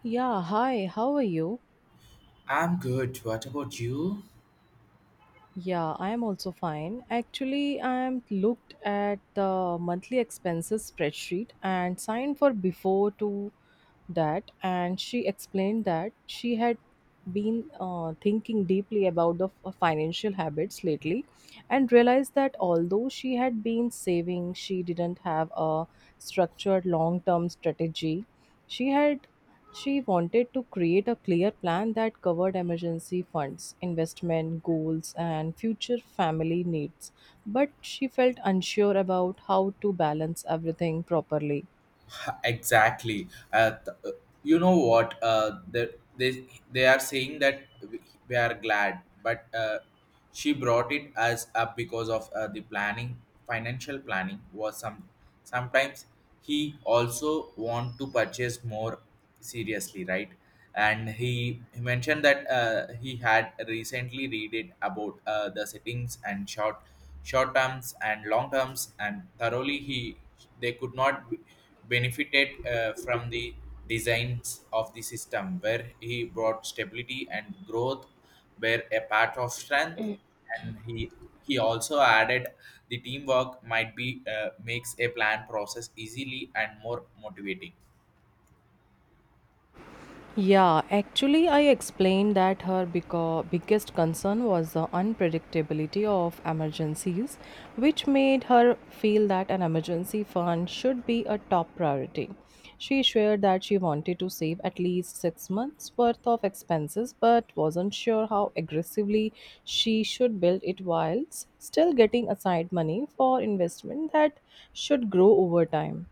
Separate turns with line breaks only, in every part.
Yeah, hi, how are you?
I'm good. What about you?
Yeah, I am also fine. Actually, I am looked at the monthly expenses spreadsheet and signed for before to that and she explained that she had been thinking deeply about the financial habits lately and realized that although she had been saving, she didn't have a structured long term strategy. She had she wanted to create a clear plan that covered emergency funds, investment goals, and future family needs. But she felt unsure about how to balance everything properly.
Exactly. You know what? They are saying that we are glad, but she brought it as up because of the planning financial planning was sometimes. He also want to purchase more seriously, right, and he mentioned that he had recently read it about the settings and short terms and long terms, and thoroughly he they could not benefited from the designs of the system where he brought stability and growth were a part of strength, and he also added the teamwork might be makes a plan process easily and more motivating.
Yeah, actually, I explained that her biggest concern was the unpredictability of emergencies, which made her feel that an emergency fund should be a top priority. She shared that she wanted to save at least 6 months' worth of expenses, but wasn't sure how aggressively she should build it whilst still getting aside money for investment that should grow over time.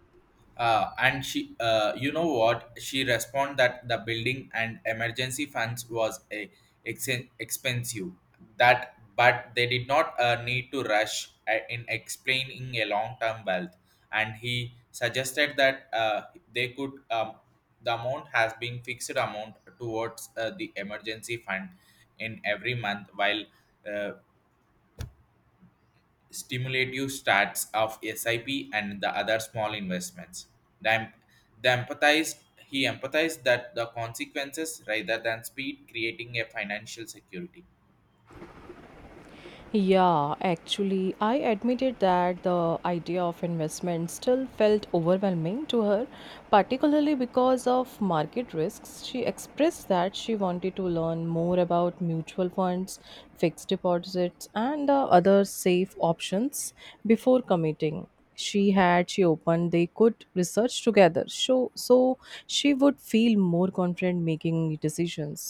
You know what? She responded that the building and emergency funds was a ex- expensive. That, but they did not need to rush in explaining a long-term wealth. And he suggested that they could. The amount has been fixed amount towards the emergency fund in every month, while uh, stimulative stats of SIP and the other small investments. The, em- the empathized He empathized that the consequences rather than speed creating a financial security.
Yeah, actually, I admitted that the idea of investment still felt overwhelming to her, particularly because of market risks. She expressed that she wanted to learn more about mutual funds, fixed deposits, and the other safe options before committing. She opened they could research together so she would feel more confident making decisions.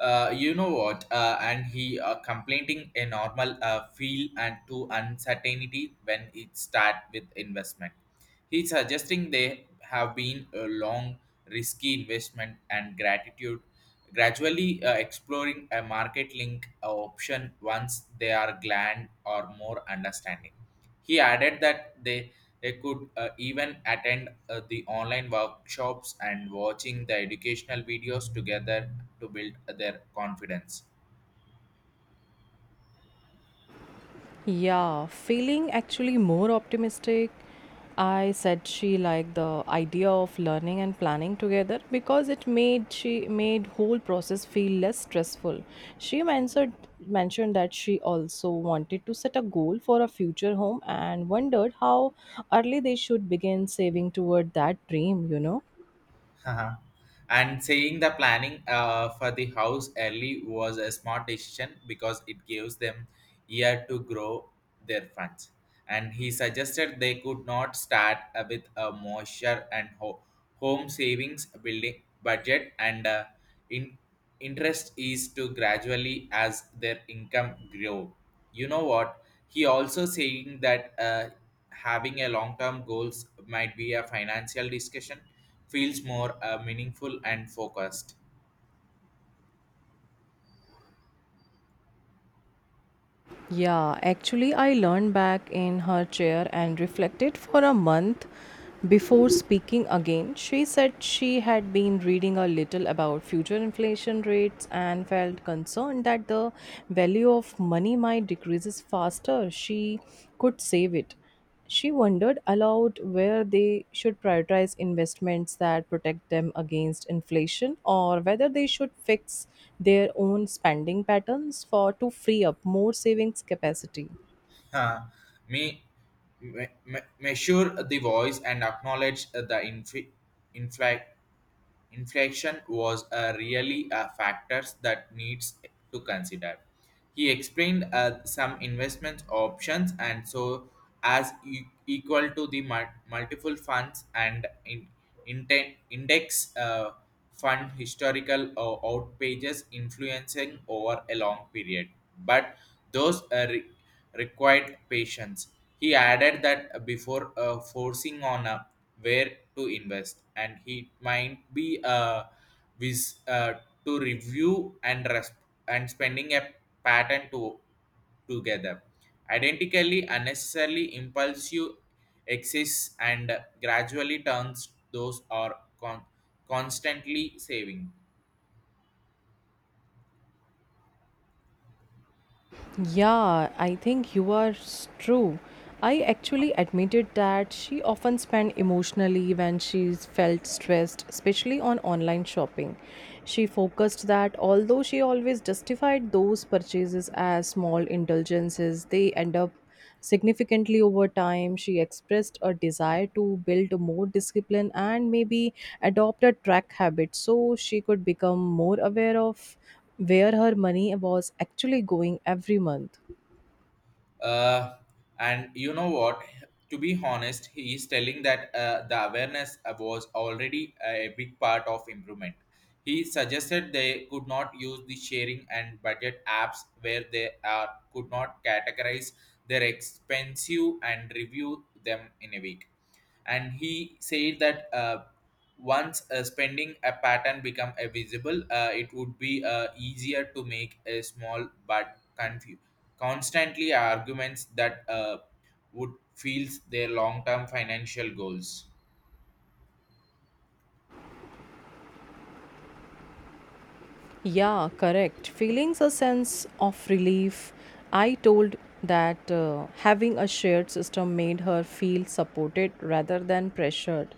You know what? And he Complaining a normal feel and to uncertainty when it start with investment. He's suggesting they have been a long risky investment and gratitude gradually exploring a market link option once they are glad or more understanding. He added that they could even attend the online workshops and watching the educational videos together to build their confidence.
Yeah, feeling actually more optimistic. I said she liked the idea of learning and planning together because it made she made whole process feel less stressful. She mentioned that she also wanted to set a goal for a future home and wondered how early they should begin saving toward that dream.
Haha. And saying the planning for the house early was a smart decision because it gives them year to grow their funds, and he suggested they could not start with a moisture and home savings building budget, and in- interest is to gradually as their income grow. You know what, he also saying that having a long term goals might be a financial discussion feels more meaningful and focused.
Yeah, actually, I leaned back in her chair and reflected for a month before speaking again. She said she had been reading a little about future inflation rates and felt concerned that the value of money might decreases faster she could save it. She wondered aloud where they should prioritize investments that protect them against inflation or whether they should fix their own spending patterns for to free up more savings capacity.
Huh. Me, Measure the voice and acknowledge the infla- inflection was really a factors that needs to consider. He explained some investment options and so as equal to the multiple funds and index fund historical or outpages influencing over a long period, but those required patience. He added that before forcing on where to invest, and he might be vis- uh, to review and and spending a pattern to together. Identically, unnecessarily impulsive exists and gradually turns those are constantly saving.
Yeah, I think you are true. I actually admitted that she often spent emotionally when she felt stressed, especially on online shopping. She focused that although she always justified those purchases as small indulgences, they end up significantly over time. She expressed a desire to build more discipline and maybe adopt a track habit so she could become more aware of where her money was actually going every month.
Uh, and you know what? To be honest, he is telling that the awareness was already a big part of improvement. He suggested they could not use the sharing and budget apps where they are could not categorize their expensive and review them in a week, and he said that once a spending a pattern become a visible it would be easier to make a small but constantly arguments that would feels their long-term financial goals.
Yeah, correct. Feelings a sense of relief. I told that having a shared system made her feel supported rather than pressured.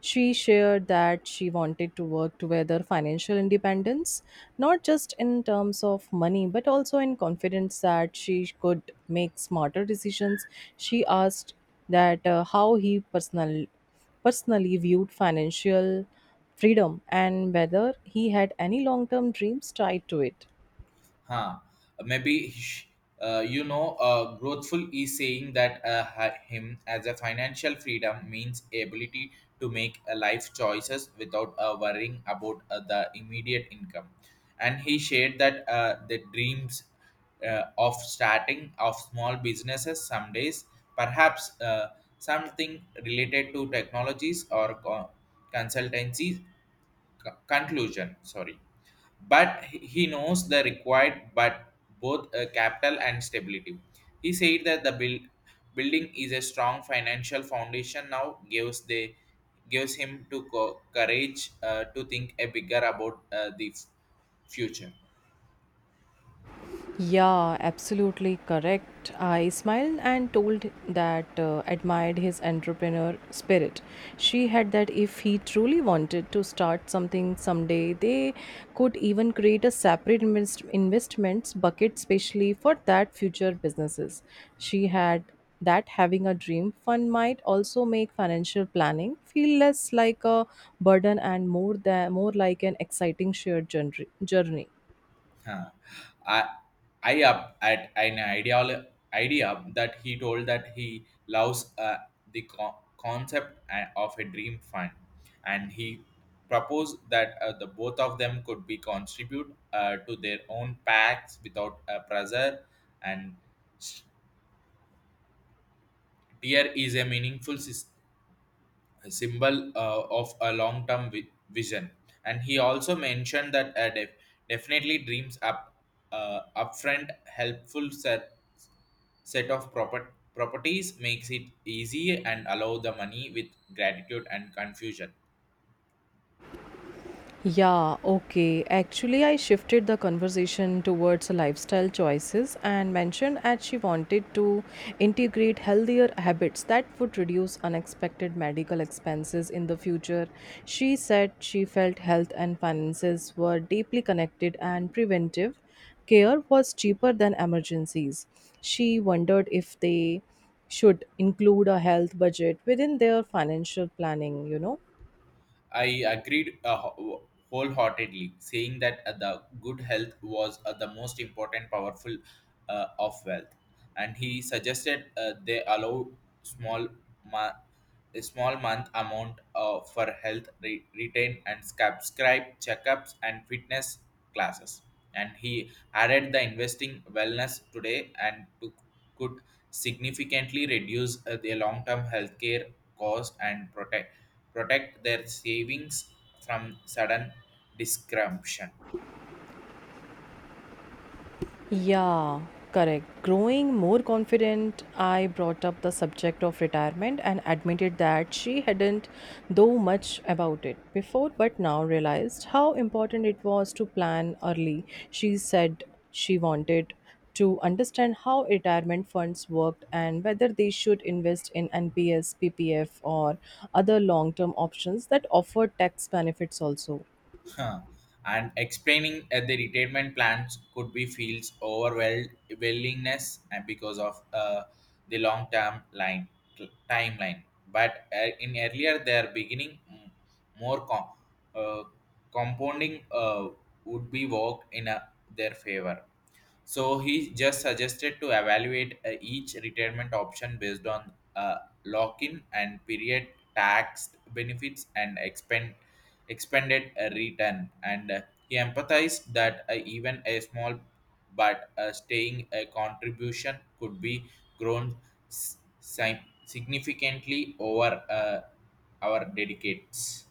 She shared that she wanted to work together financial independence, not just in terms of money, but also in confidence that she could make smarter decisions. She asked that how he personally viewed financial freedom and whether he had any long term dreams tied to it.
Huh. maybe sh- you know, growthful is saying that him as a financial freedom means ability to make a life choices without worrying about the immediate income, and he shared that the dreams of starting of small businesses some days, perhaps something related to technologies or consultancy, conclusion, sorry, but he knows the required but both capital and stability. He said that the building is a strong financial foundation now gives the gives him to courage to think a bigger about future.
Yeah, absolutely correct. I smiled and told that admired his entrepreneur spirit. She had that if he truly wanted to start something someday, they could even create a separate investments bucket specially for that future businesses. She had that having a dream fund might also make financial planning feel less like a burden and more than more like an exciting shared journey.
Huh. I, I up at an idea that he told that he loves the concept of a dream fund, and he proposed that the both of them could be contribute to their own packs without pressure. And tier is a meaningful symbol of a long-term vision. And he also mentioned that definitely dreams up upfront helpful set of proper properties makes it easy and allow the money with gratitude and confusion.
Yeah, okay. Actually, I shifted the conversation towards lifestyle choices and mentioned that she wanted to integrate healthier habits that would reduce unexpected medical expenses in the future. She said she felt health and finances were deeply connected and preventive care was cheaper than emergencies. She wondered if they should include a health budget within their financial planning.
I agreed wholeheartedly, saying that the good health was the most important, powerful of wealth. And he suggested they allow small, ma- a small month amount for health retain and subscribe checkups and fitness classes. And he added the investing wellness today, could significantly reduce the long-term healthcare cost, and protect their savings from sudden disruption.
Yeah, correct. Growing more confident, I brought up the subject of retirement and admitted that she hadn't though much about it before, but now realized how important it was to plan early. She said she wanted to understand how retirement funds worked and whether they should invest in NPS, PPF, or other long term options that offer tax benefits also.
Huh. And explaining the retirement plans could be feels overwhelmed willingness, and because of the long term line timeline. But in earlier their beginning, more uh, compounding would be work in a their favor. So he just suggested to evaluate each retirement option based on lock-in and period, tax benefits, and expended return. And he empathized that even a small but staying contribution could be grown significantly over our dedicates.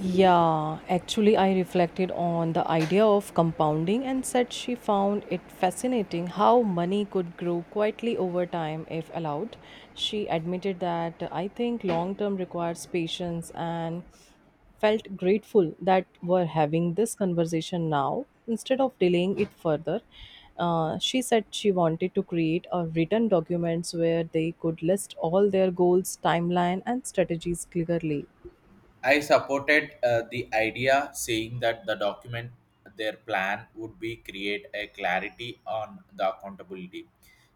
Yeah, actually, I reflected on the idea of compounding and said she found it fascinating how money could grow quietly over time if allowed. She admitted that I think long term requires patience and felt grateful that we're having this conversation now instead of delaying it further. She said she wanted to create a written documents where they could list all their goals, timeline, and strategies clearly.
I supported the idea, saying that the document, their plan would be create a clarity on the accountability.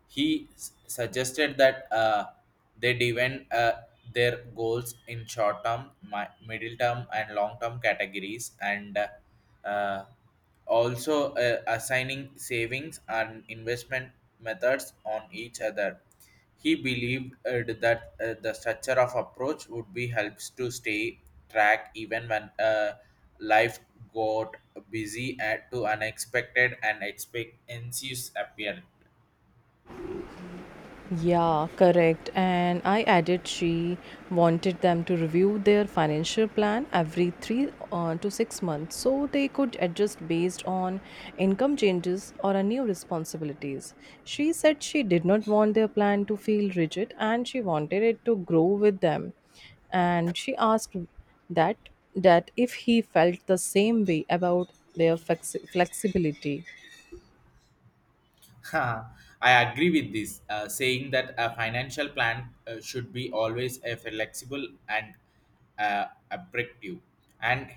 He suggested that they divide their goals in short term, middle term, and long term categories, and uh, also assigning savings and investment methods on each other. He believed that the structure of approach would be helps to stay track even when life got busy and to unexpected and expectancies appeared.
Yeah, correct. And I added she wanted them to review their financial plan every three to six months so they could adjust based on income changes or a new responsibilities. She said she did not want their plan to feel rigid and she wanted it to grow with them. And she asked that that if he felt the same way about their flexibility.
Ha, I agree with this, saying that a financial plan should be always a flexible and objective. And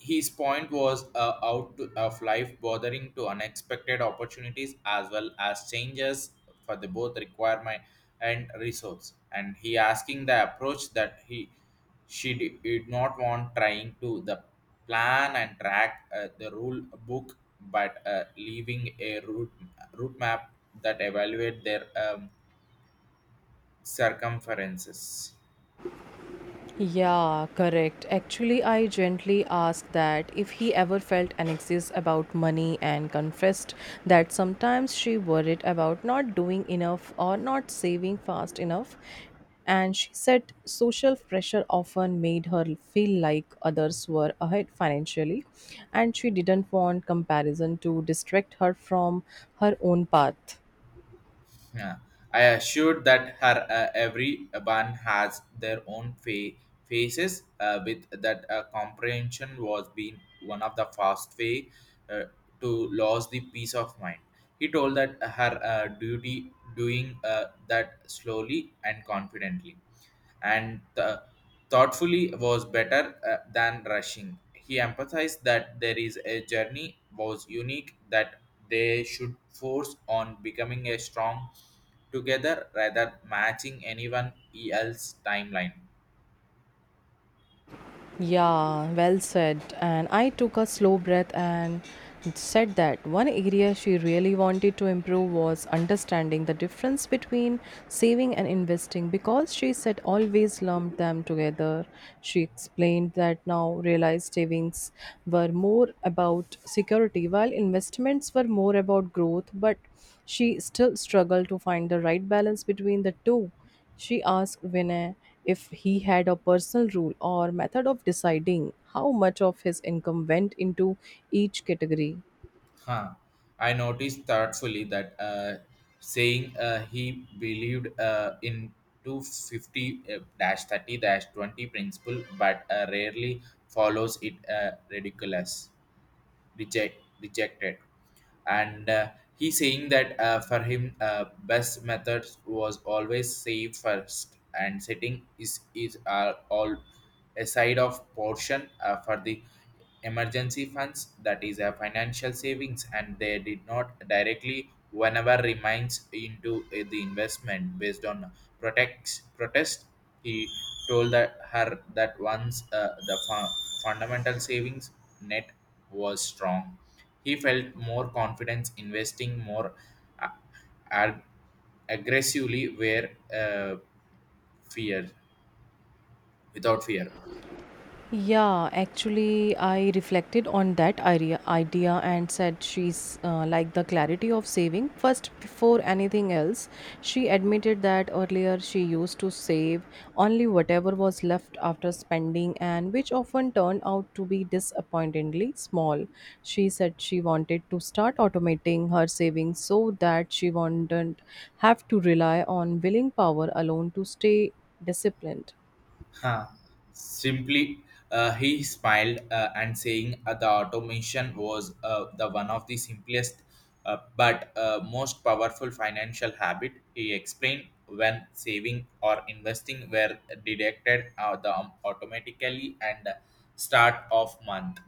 his point was out to, of life, bothering to unexpected opportunities as well as changes for the both requirement and resource. And he asking the approach that he she did not want trying to the plan and track the rule book, but leaving a route map that evaluate their circumferences.
Yeah, correct. Actually, I gently asked that if he ever felt anxious about money and confessed that sometimes she worried about not doing enough or not saving fast enough. And she said social pressure often made her feel like others were ahead financially, and she didn't want comparison to distract her from her own path.
Yeah. I assured that her every one has their own faces. With that comprehension was being one of the fast way uh, to lose the peace of mind. He told that her duty doing that slowly and confidently and thoughtfully was better than rushing. He emphasized that there is a journey was unique that they should force on becoming a strong together rather matching anyone else's timeline.
Yeah, well said. And I took a slow breath and said that one area she really wanted to improve was understanding the difference between saving and investing because she said always lumped them together. She explained that now realized savings were more about security while investments were more about growth, but she still struggled to find the right balance between the two. She asked Vinay if he had a personal rule or method of deciding how much of his income went into each category.
Huh. I noticed thoughtfully that saying he believed in 250-30-20 dash 30 dash 20 principle but rarely follows it ridiculous rejected. And he saying that for him best methods was always save first and setting is all a side of portion for the emergency funds that is a financial savings, and they did not directly whenever remains into the investment based on protects protest. He told that her that once fundamental savings net was strong, he felt more confidence investing more a- ag- aggressively where fear without fear.
Yeah, actually, I reflected on that idea and said she's like the clarity of saving. First, before anything else, she admitted that earlier she used to save only whatever was left after spending, and which often turned out to be disappointingly small. She said she wanted to start automating her savings so that she wouldn't have to rely on willing power alone to stay disciplined.
Huh. Simply, he smiled and saying the automation was the one of the simplest but most powerful financial habit. He explained when saving or investing were deducted automatically and start of month.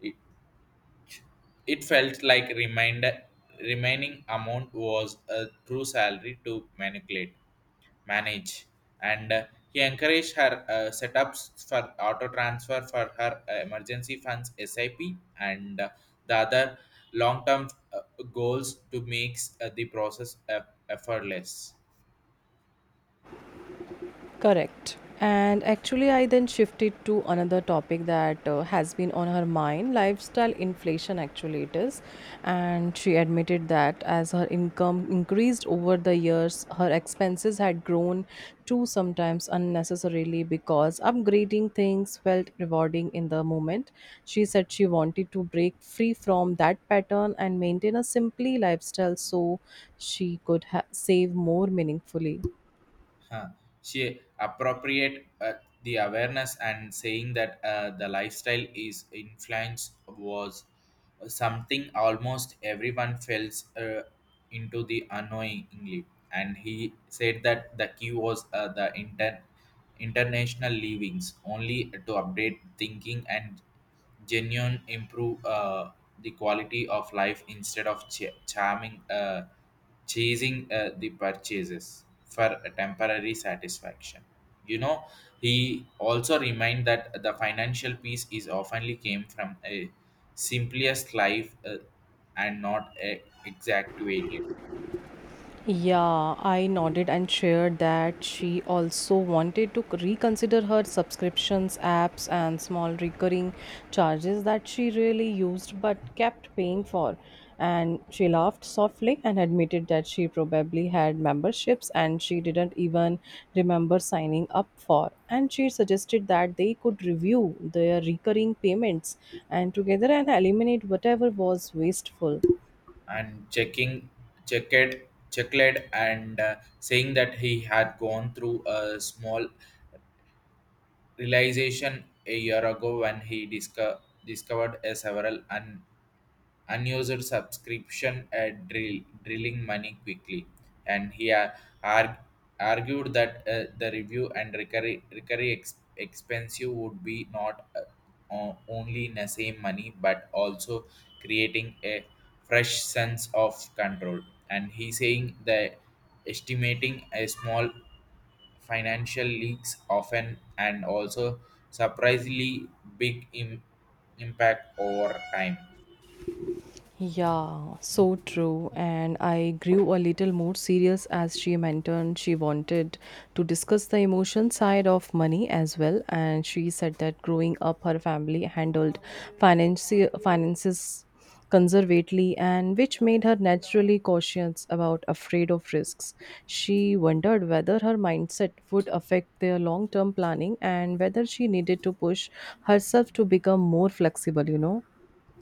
It, it felt like reminder remaining amount was a true salary to manipulate manage. And he encouraged her setups for auto transfer for her emergency funds sip, and the other long term uh, goals to make the process effortless.
Correct. And actually, I then shifted to another topic that has been on her mind lifestyle inflation, actually, it is. And she admitted that as her income increased over the years, her expenses had grown too, sometimes unnecessarily, because upgrading things felt rewarding in the moment. She said she wanted to break free from that pattern and maintain a simply lifestyle so she could save more meaningfully.
Huh. She appropriate the awareness and saying that the lifestyle is influence was something almost everyone falls into the unknowingly, and he said that the key was international leavings only to update thinking and genuine improve the quality of life instead of ch- charming chasing the purchases for a temporary satisfaction, you know. He also remind that the financial piece is oftenly came from a simplest life, and not a exaggerated.
Yeah, I nodded and shared that she also wanted to reconsider her subscriptions, apps, and small recurring charges that she really used but kept paying for. And she laughed softly and admitted that she probably had memberships and she didn't even remember signing up for. And she suggested that they could review their recurring payments and together and eliminate whatever was wasteful.
And checking checked checked, and saying that he had gone through a small realization a year ago when he discovered a several and unused subscription at drilling money quickly, and he arg- argued that the review and recovery expensive would be not only in the same money but also creating a fresh sense of control. And he saying the estimating a small financial leaks often and also surprisingly big Im- impact over time.
Yeah, so true. And I grew a little more serious as she mentioned she wanted to discuss the emotion side of money as well. And she said that growing up, her family handled finances conservatively and which made her naturally cautious about afraid of risks. She wondered whether her mindset would affect their long term planning and whether she needed to push herself to become more flexible.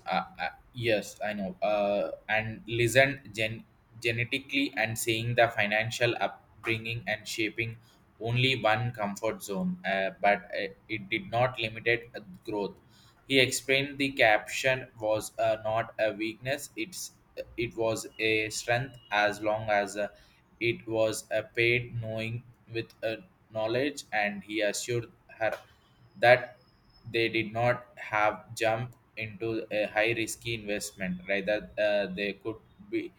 Yes, I know. And listen, genetically and seeing the financial upbringing and shaping only one comfort zone, but it did not limited growth. He explained the caption was not a weakness; it was a strength as long as it was a paid knowing with a knowledge. And he assured her that they did not have jump into a high risky investment. Rather, they could be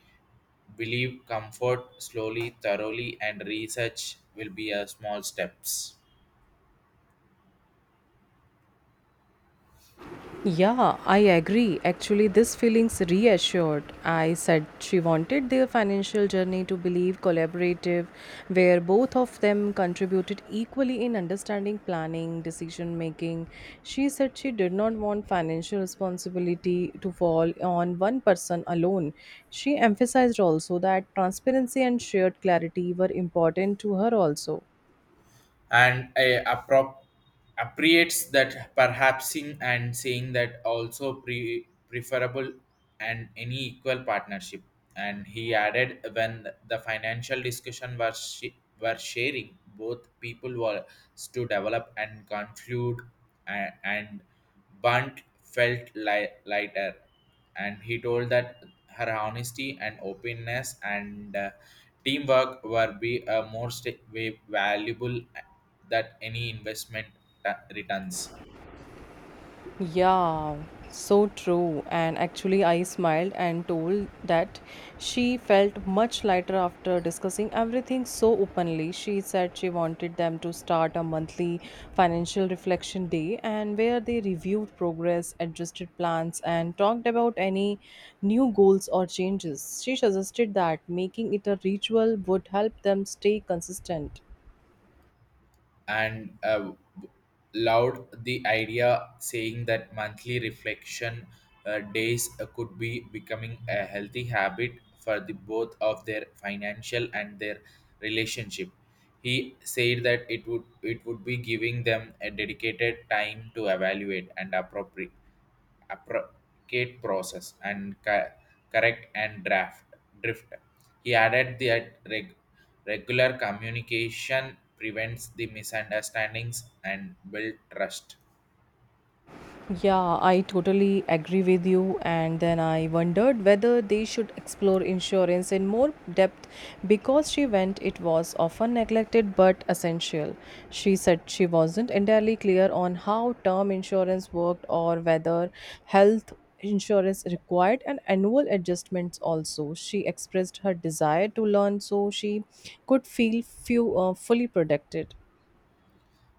believe comfort slowly, thoroughly, and research will be a small steps.
Yeah, I agree. Actually, this feelings reassured. I said she wanted their financial journey to believe collaborative, where both of them contributed equally in understanding planning, decision making. She said she did not want financial responsibility to fall on one person alone. She emphasized also that transparency and shared clarity were important to her also.
And I appreciates that perhapsing and saying that also preferable and any equal partnership. And he added when the financial discussion were sharing, both people were to develop and conclude and Bunt felt lighter, and he told that her honesty and openness and teamwork were be a most valuable that any investment returns.
Yeah, so true. And actually, I smiled and told that she felt much lighter after discussing everything so openly. She said she wanted them to start a monthly financial reflection day and where they reviewed progress, adjusted plans, and talked about any new goals or changes. She suggested that making it a ritual would help them stay consistent.
And loud the idea saying that monthly reflection days could be becoming a healthy habit for the both of their financial and their relationship. He said that it would be giving them a dedicated time to evaluate and appropriate process and correct and draft drift. He added that regular communication prevents the misunderstandings and build trust.
Yeah, I totally agree with you. And then I wondered whether they should explore insurance in more depth because she went, it was often neglected but essential. She said she wasn't entirely clear on how term insurance worked or whether health insurance required an annual adjustments also. She expressed her desire to learn so she could feel few fully protected.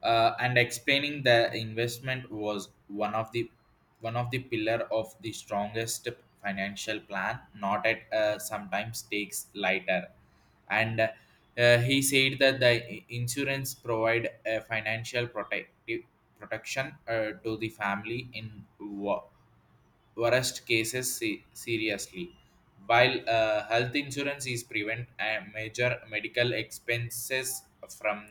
And explaining the investment was one of the pillar of the strongest financial plan not at sometimes takes lighter. And he said that the insurance provide a financial protective protection to the family in worst cases seriously, while health insurance is prevent major medical expenses from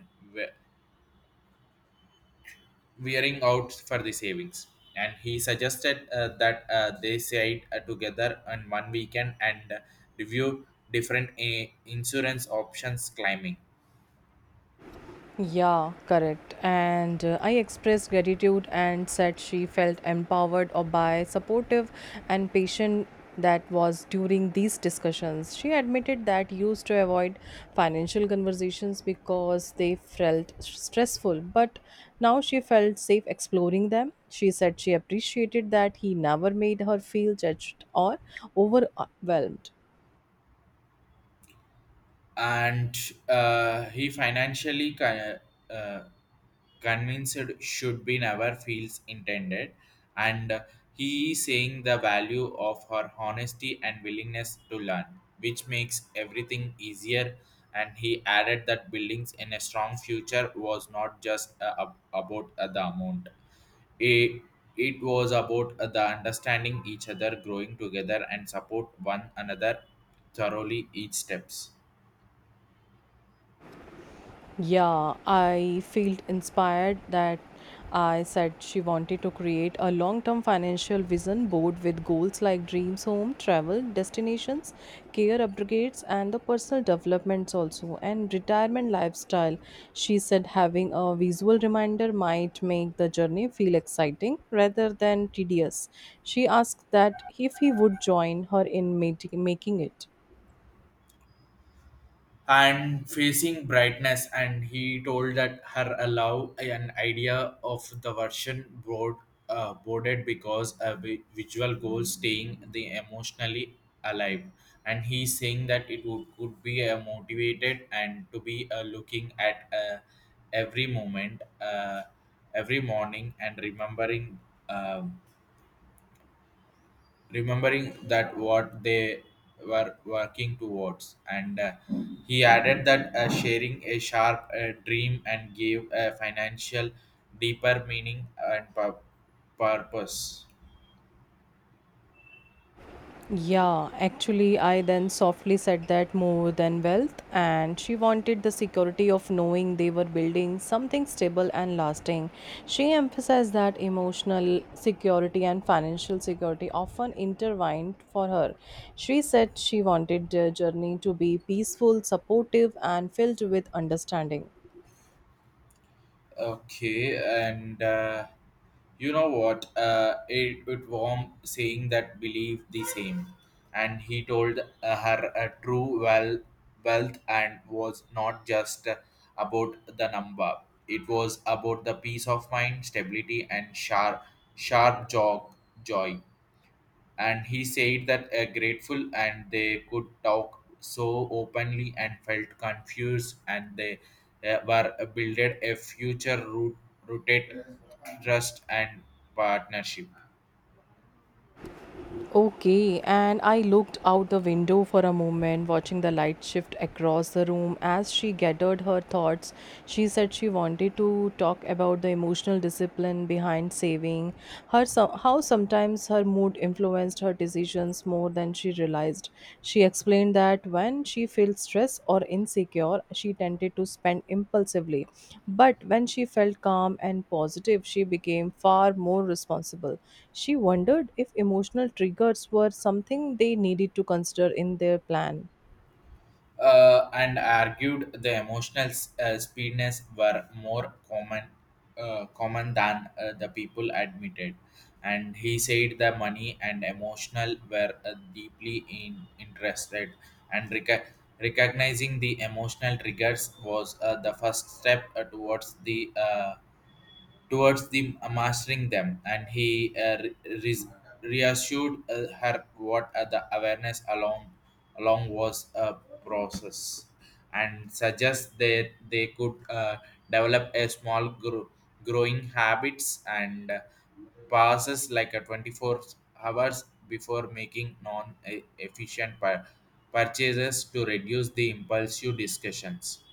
wearing out for the savings. And he suggested that they sit together on one weekend and review different insurance options climbing.
Yeah, correct. And I expressed gratitude and said she felt empowered or by supportive and patient that was during these discussions. She admitted that used to avoid financial conversations because they felt stressful, but now she felt safe exploring them. She said she appreciated that he never made her feel judged or overwhelmed.
And he financially uh, convinced should be never feels intended. And he is saying the value of her honesty and willingness to learn, which makes everything easier. And he added that buildings in a strong future was not just about the amount. it, it was about the understanding each other growing together and support one another thoroughly each steps.
Yeah, I felt inspired that I said she wanted to create a long term financial vision board with goals like dreams home, travel, destinations, care upgrades, and the personal developments also, and retirement lifestyle. She said having a visual reminder might make the journey feel exciting rather than tedious. She asked that if he would join her in making it.
And facing brightness, and he told that her allow an idea of the version board boarded because a visual goal staying the emotionally alive. And he's saying that it would could be a motivated and to be looking at every moment, every morning, and remembering um remembering that what they were working towards. And he added that sharing a sharp dream and gave a financial deeper meaning and purpose.
Yeah, actually, I then softly said that more than wealth, and she wanted the security of knowing they were building something stable and lasting. She emphasized that emotional security and financial security often intertwined for her. She said she wanted their journey to be peaceful, supportive, and filled with understanding.
Okay, and you know what? It it warm saying that believe the same, and he told her a true wealth and was not just about the number. It was about the peace of mind, stability, and sharp jog joy. And he said that grateful and they could talk so openly and felt confused, and they were builded a future rooted trust and partnership.
Okay, and I looked out the window for a moment, watching the light shift across the room. As she gathered her thoughts, she said she wanted to talk about the emotional discipline behind saving, her how sometimes her mood influenced her decisions more than she realized. She explained that when she feels stressed or insecure, she tended to spend impulsively. But when she felt calm and positive, she became far more responsible. She wondered if emotional triggers were something they needed to consider in their plan.
And argued the emotional speediness were more common common than the people admitted. And he said the money and emotional were deeply interested, and recognizing the emotional triggers was the first step towards the towards the mastering them. And he re- reassured her what the awareness along was a process, and suggest that they could develop a small group growing habits and passes like a 24 hours before making non-efficient purchases to reduce the impulsive discussions.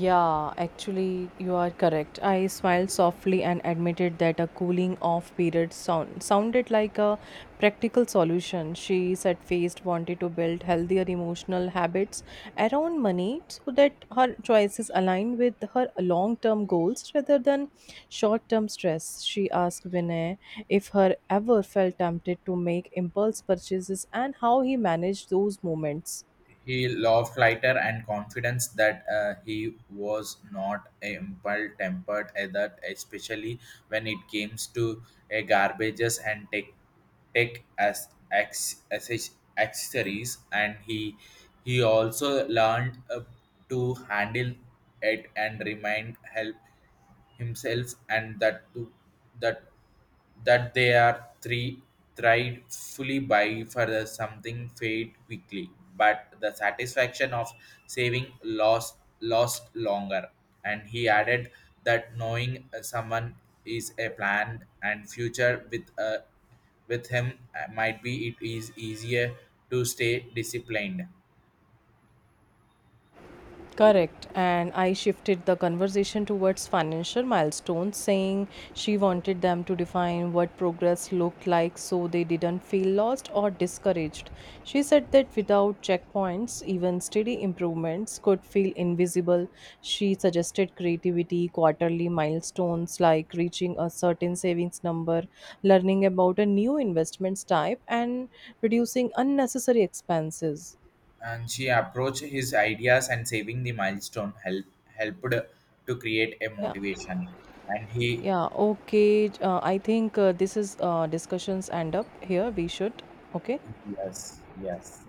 Yeah, actually, you are correct. I smiled softly and admitted that a cooling off period sounded like a practical solution. She said faced wanted to build healthier emotional habits around money so that her choices align with her long term goals rather than short term stress. She asked Vinay if her ever felt tempted to make impulse purchases and how he managed those moments.
He laughed lighter and confidence that he was not a impulse tempered either, especially when it comes to garbages and tech as accessories. And he also learned to handle it and remind help himself and that to that that they are three tried fully by for the something fade quickly, but the satisfaction of saving lost longer. And he added that knowing someone is a plan and future with a with him might be it is easier to stay disciplined.
Correct. And I shifted the conversation towards financial milestones, saying she wanted them to define what progress looked like so they didn't feel lost or discouraged. She said that without checkpoints, even steady improvements could feel invisible. She suggested creativity, quarterly milestones like reaching a certain savings number, learning about a new investments type, and reducing unnecessary expenses.
And she approached his ideas and saving the milestone helped to create a
Yeah.
motivation. And he
Yeah, okay. I think this is discussions end up here. We should. Okay.
yes, yes.